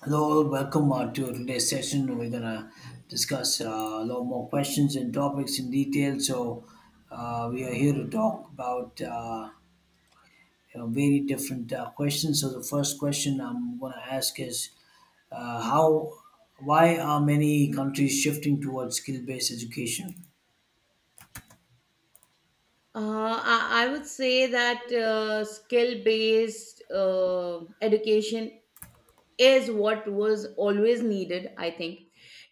Hello, welcome to today's session. We're gonna discuss a lot more questions and topics in detail. So we are here to talk about very different questions. So the first question I'm gonna ask is uh, how, why are many countries shifting towards skill-based education? I would say that skill based education is what was always needed, I think.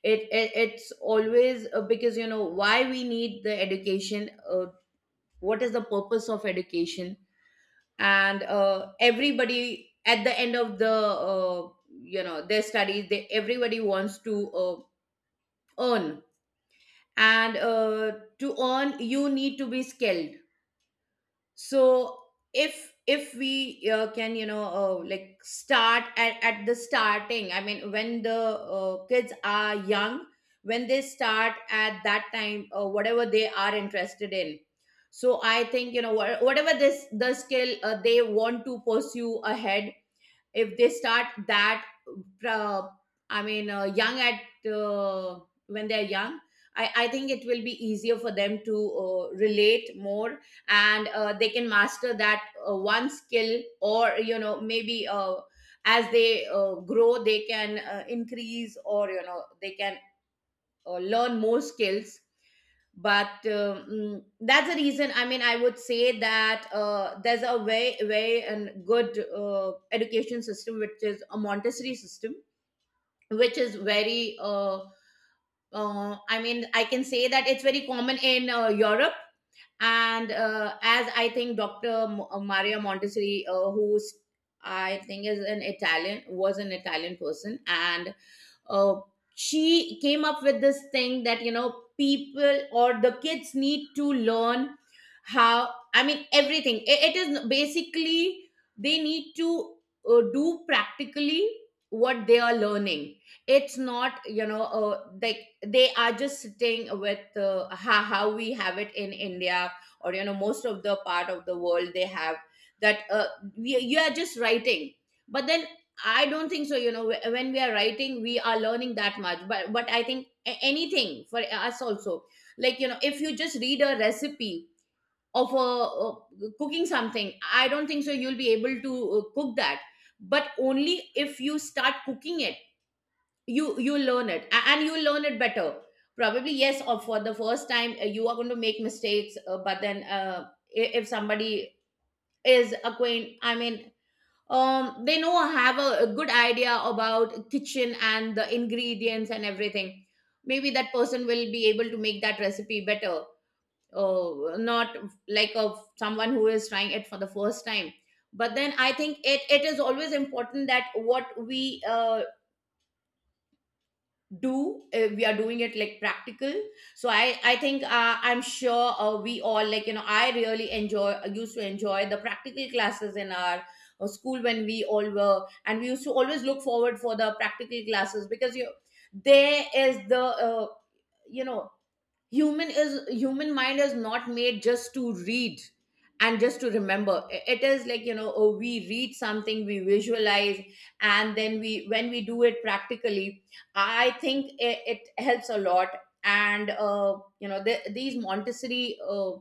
It's always because, you know, why we need the education, what is the purpose of education? And everybody at the end of you know, their studies, everybody wants to earn. And to earn, you need to be skilled. So if we can, you know, like start at the starting, I mean when the kids are young, when they start at that time, whatever they are interested in. So I think, you know, whatever this the skill they want to pursue ahead, if they start that, uh, I mean, young at when they're young, I think it will be easier for them to relate more, and they can master that one skill, or you know, maybe as they grow they can increase, or you know they can learn more skills. But that's the reason. I mean, I would say that there's a very, very and good education system, which is a Montessori system, which is very I mean I can say that it's very common in Europe. And as I think, Dr. Maria Montessori, who's, I think, is an Italian, was an Italian person. And uh, she came up with this thing that, you know, people or the kids need to learn how, I mean everything. It is basically they need to do practically what they are learning. It's not, you know, like they are just sitting with, how we have it in India, or you know, most of the part of the world they have that, you are just writing. But then I don't think so, you know, when we are writing we are learning that much. But I think anything for us also, like, you know, if you just read a recipe of cooking something, I don't think so you'll be able to cook that, but only if you start cooking it, you learn it, and you learn it better. Probably yes, or for the first time you are going to make mistakes, but then if somebody is acquaint I mean they know, have a good idea about kitchen and the ingredients and everything, maybe that person will be able to make that recipe better, not like of someone who is trying it for the first time. But then I think it is always important that what we do we are doing it like practical. So I think I'm sure we all, like, you know, I really enjoy used to enjoy the practical classes in our school when we all were, and we used to always look forward for the practical classes, because you there is the you know, human mind is not made just to read and just to remember. It is like, you know, oh, we read something, we visualize, and then we when we do it practically, I think it helps a lot. And you know these Montessori uh,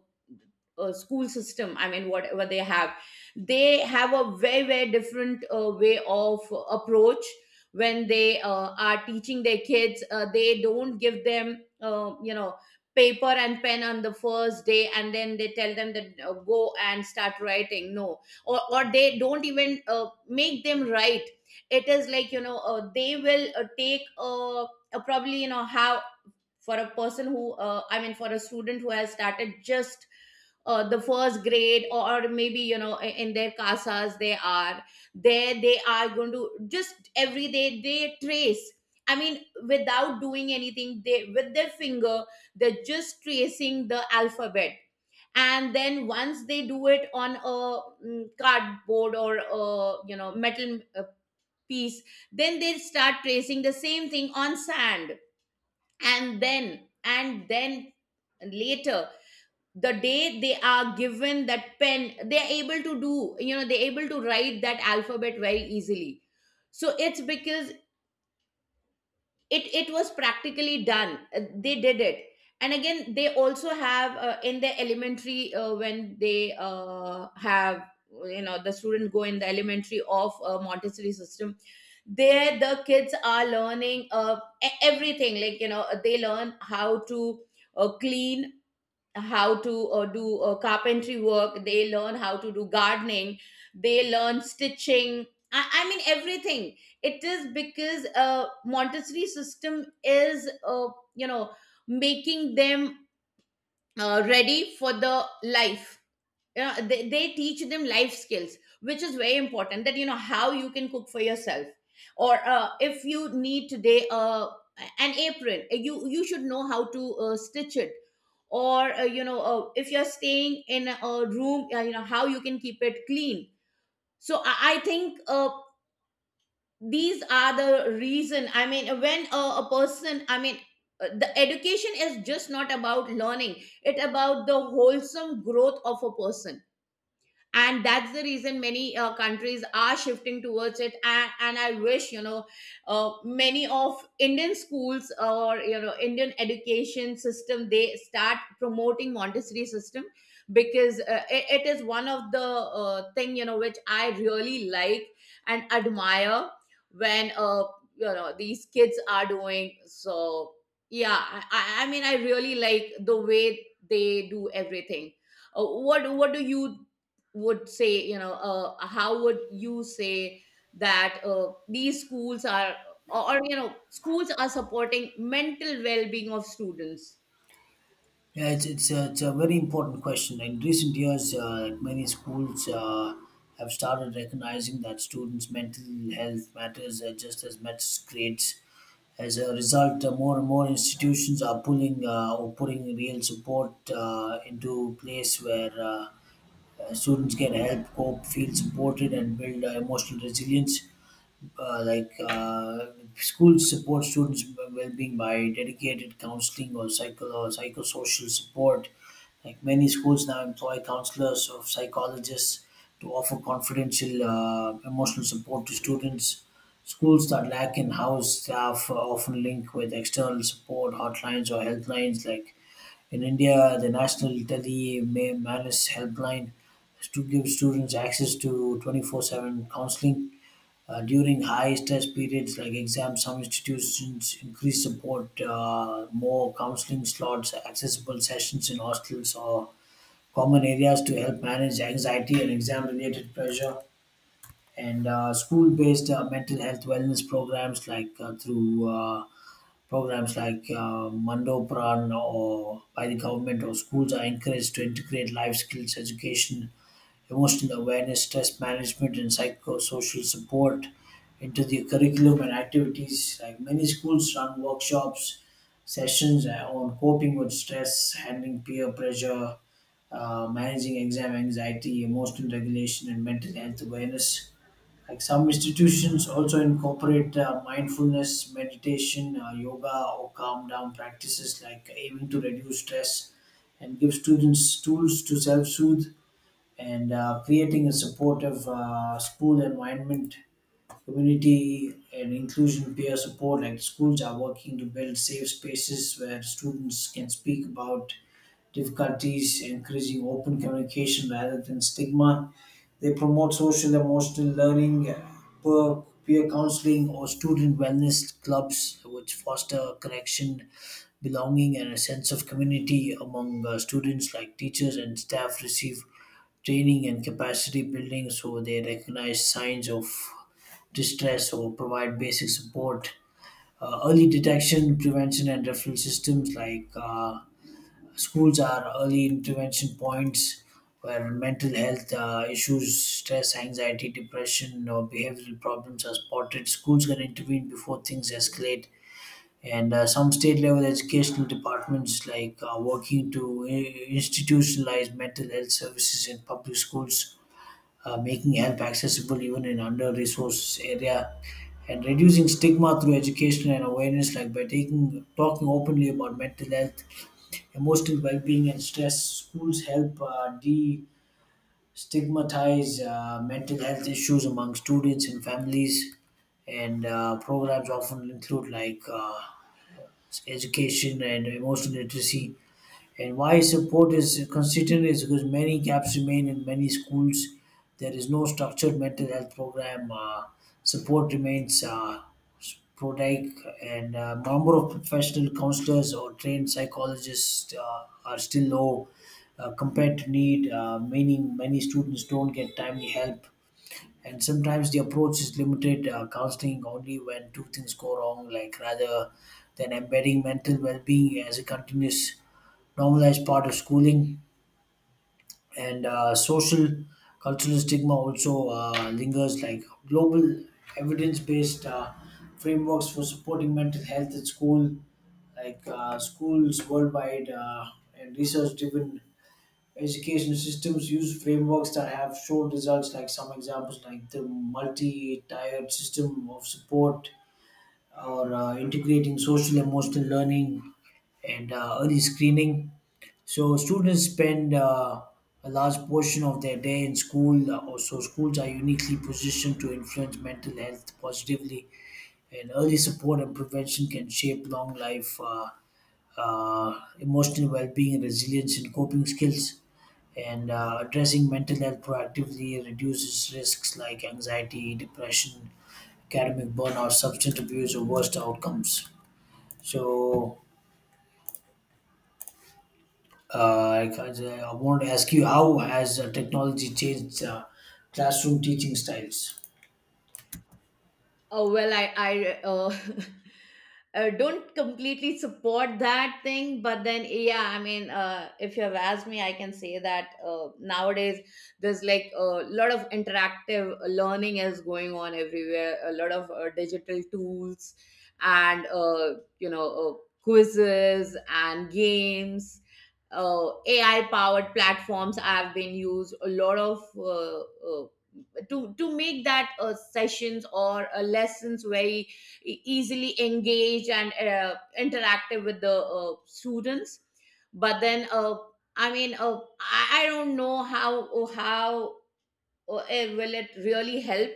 uh, school system, I mean whatever they have, they have a very, very different way of approach. When they are teaching their kids, they don't give them, you know, paper and pen on the first day, and then they tell them that, go and start writing, no, or they don't even make them write. It is like, you know, they will take probably, you know how, for a student who has started just the first grade, or maybe you know, in their casas they are, there they are going to just every day they trace, I mean without doing anything, they with their finger they're just tracing the alphabet. And then once they do it on a cardboard or a, you know, metal piece, then they start tracing the same thing on sand, and then later the day they are given that pen, they are able to do, you know, they're able to write that alphabet very easily. So it's because it was practically done. They did it. And again, they also have in the elementary, when they have, you know, the students go in the elementary of Montessori system, there the kids are learning everything, like you know, they learn how to clean, how to do carpentry work, they learn how to do gardening, they learn stitching, I mean everything. It is because Montessori system is, you know, making them ready for the life. They teach them life skills, which is very important, that, you know, how you can cook for yourself, or if you need today an apron, you should know how to stitch it, or you know, if you're staying in a room, you know how you can keep it clean. So I think these are the reason. I mean, when a person I mean the education is just not about learning, it about the wholesome growth of a person. And that's the reason many countries are shifting towards it, and I wish, you know, many of Indian schools, or you know, Indian education system, they start promoting Montessori system, because it is one of the thing, you know, which I really like and admire when you know, these kids are doing, so yeah. I mean, I really like the way they do everything. What do you would say, you know, how would you say that these schools are, you know, schools are supporting mental well-being of students? Yeah, it's a very important question. In recent years, many schools have started recognizing that students' mental health matters just as much as grades. As a result, more and more institutions are pulling or putting real support into place where students can help cope, feel supported, and build emotional resilience uh, like uh, schools support students' well-being by dedicated counseling or psychosocial support. Like many schools now employ counselors or psychologists to offer confidential emotional support to students. Schools that lack in-house staff are often link with external support hotlines or helplines. Like in India, the National Tele Manis Helpline to give students access to 24/7 counseling during high stress periods like exams, some institutions increase support, more counseling slots, accessible sessions in hostels or common areas to help manage anxiety and exam related pressure. And school based mental health wellness programs like through programs like Mando or by the government or schools are encouraged to integrate life skills education emotional awareness, stress management, and psychosocial support into the curriculum and activities. Like many schools run workshops, sessions on coping with stress, handling peer pressure, managing exam anxiety, emotional regulation, and mental health awareness. Like some institutions also incorporate mindfulness, meditation, yoga, or calm down practices like aiming to reduce stress and give students tools to self soothe, and creating a supportive school environment, community and inclusion, peer support. Like schools are working to build safe spaces where students can speak about difficulties, encouraging open communication rather than stigma. They promote social emotional learning, peer, peer counseling, or student wellness clubs, which foster connection belonging and a sense of community among students like teachers and staff receive training and capacity building so they recognize signs of distress or provide basic support, early detection prevention and referral systems like schools are early intervention points where mental health issues stress anxiety depression or behavioral problems are spotted schools can intervene before things escalate, and some state level educational departments like working to institutionalize mental health services in public schools, making help accessible even in under-resourced area, and reducing stigma through education and awareness, like by taking talking openly about mental health, emotional well-being, and stress. Schools help de-stigmatize mental health issues among students and families, and programs often include like education and emotional literacy, and why support is constituent is because many gaps remain in many schools. There is no structured mental health program. Support remains sporadic, and number of professional counselors or trained psychologists are still low compared to need. Meaning, many students don't get timely help, and sometimes the approach is limited, counseling only when two things go wrong like rather than embedding mental well-being as a continuous normalized part of schooling, and social cultural stigma also lingers like global evidence-based frameworks for supporting mental health at school like schools worldwide and research driven education systems use frameworks that have shown results, like some examples, like the multi tiered system of support or integrating social emotional learning and early screening. So students spend a large portion of their day in school. Also, schools are uniquely positioned to influence mental health positively, and early support and prevention can shape long life. Emotional well-being, resilience, and coping skills. And addressing mental health proactively reduces risks like anxiety, depression, academic burnout, substance abuse, or worst outcomes. So, I want to ask you, how has technology changed classroom teaching styles? Well, I don't completely support that thing, but then yeah, I mean if you have asked me, I can say that nowadays there's like a lot of interactive learning is going on everywhere, a lot of digital tools, and you know, quizzes and games, AI powered platforms have been used, a lot of uh, to make that sessions or lessons very easily engaged and interactive with the students. But then I mean, I don't know how will it really help,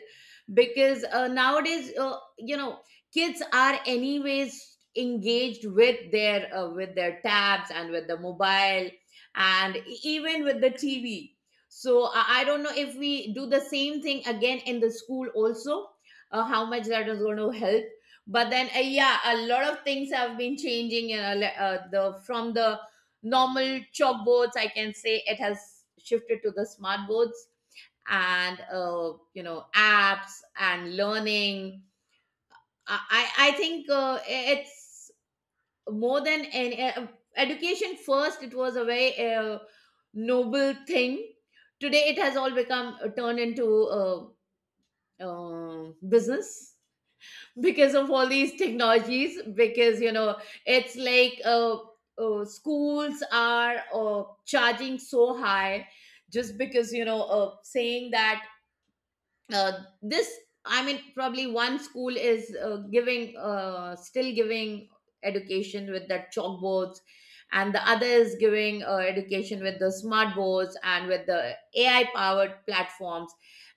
because nowadays, you know, kids are anyways engaged with their tabs and with the mobile, and even with the tv. So I don't know if we do the same thing again in the school also, how much that is going to help. But then yeah, a lot of things have been changing, you know, le- the from the normal chalkboards, I can say it has shifted to the smartboards, and you know, apps and learning. I i I think it's more than an education. First it was a very noble thing. Today it has all become, turned into uh, business, because of all these technologies, because you know it's like, schools are charging so high, just because you know, saying that, uh, this I mean probably one school is giving still giving education with the chalkboards, and the other is giving education with the smart boards and with the AI powered platforms,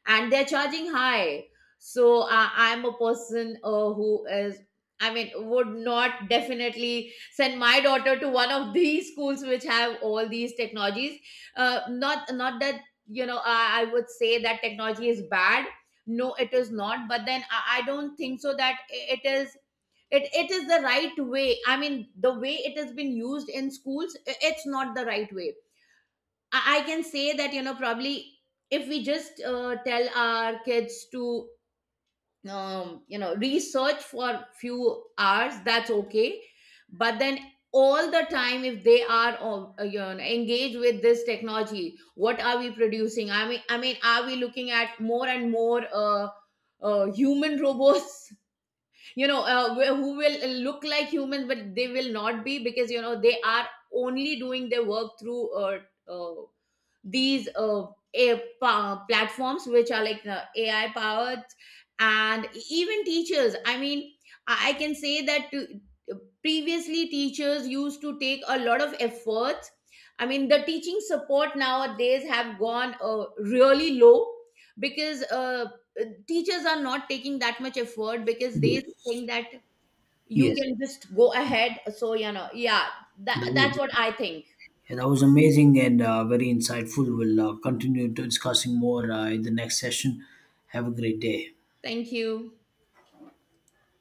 and they're charging high. So I'm a person who is I mean would not definitely send my daughter to one of these schools which have all these technologies. Not that, you know, I would say that technology is bad, no, it is not. But then I don't think so that it is, it is the right way. I mean the way it has been used in schools, it's not the right way. I can say that, you know, probably if we just tell our kids to, you know, research for few hours, that's okay. But then all the time if they are you know, engaged with this technology, what are we producing? I mean, are we looking at more and more human robots? You know who will look like humans but they will not be, because you know they are only doing their work through uh, these platforms which are like the AI powered. And even teachers. I mean, I can say that to, previously teachers used to take a lot of efforts. I mean, the teaching support nowadays have gone really low, because teachers are not taking that much effort, because they Yes, think that you yes. can just go ahead. So, you know, yeah, that, That that's was- what I think. Yeah, that was amazing and very insightful. We'll continue to discussing more in the next session. Have a great day. Thank you.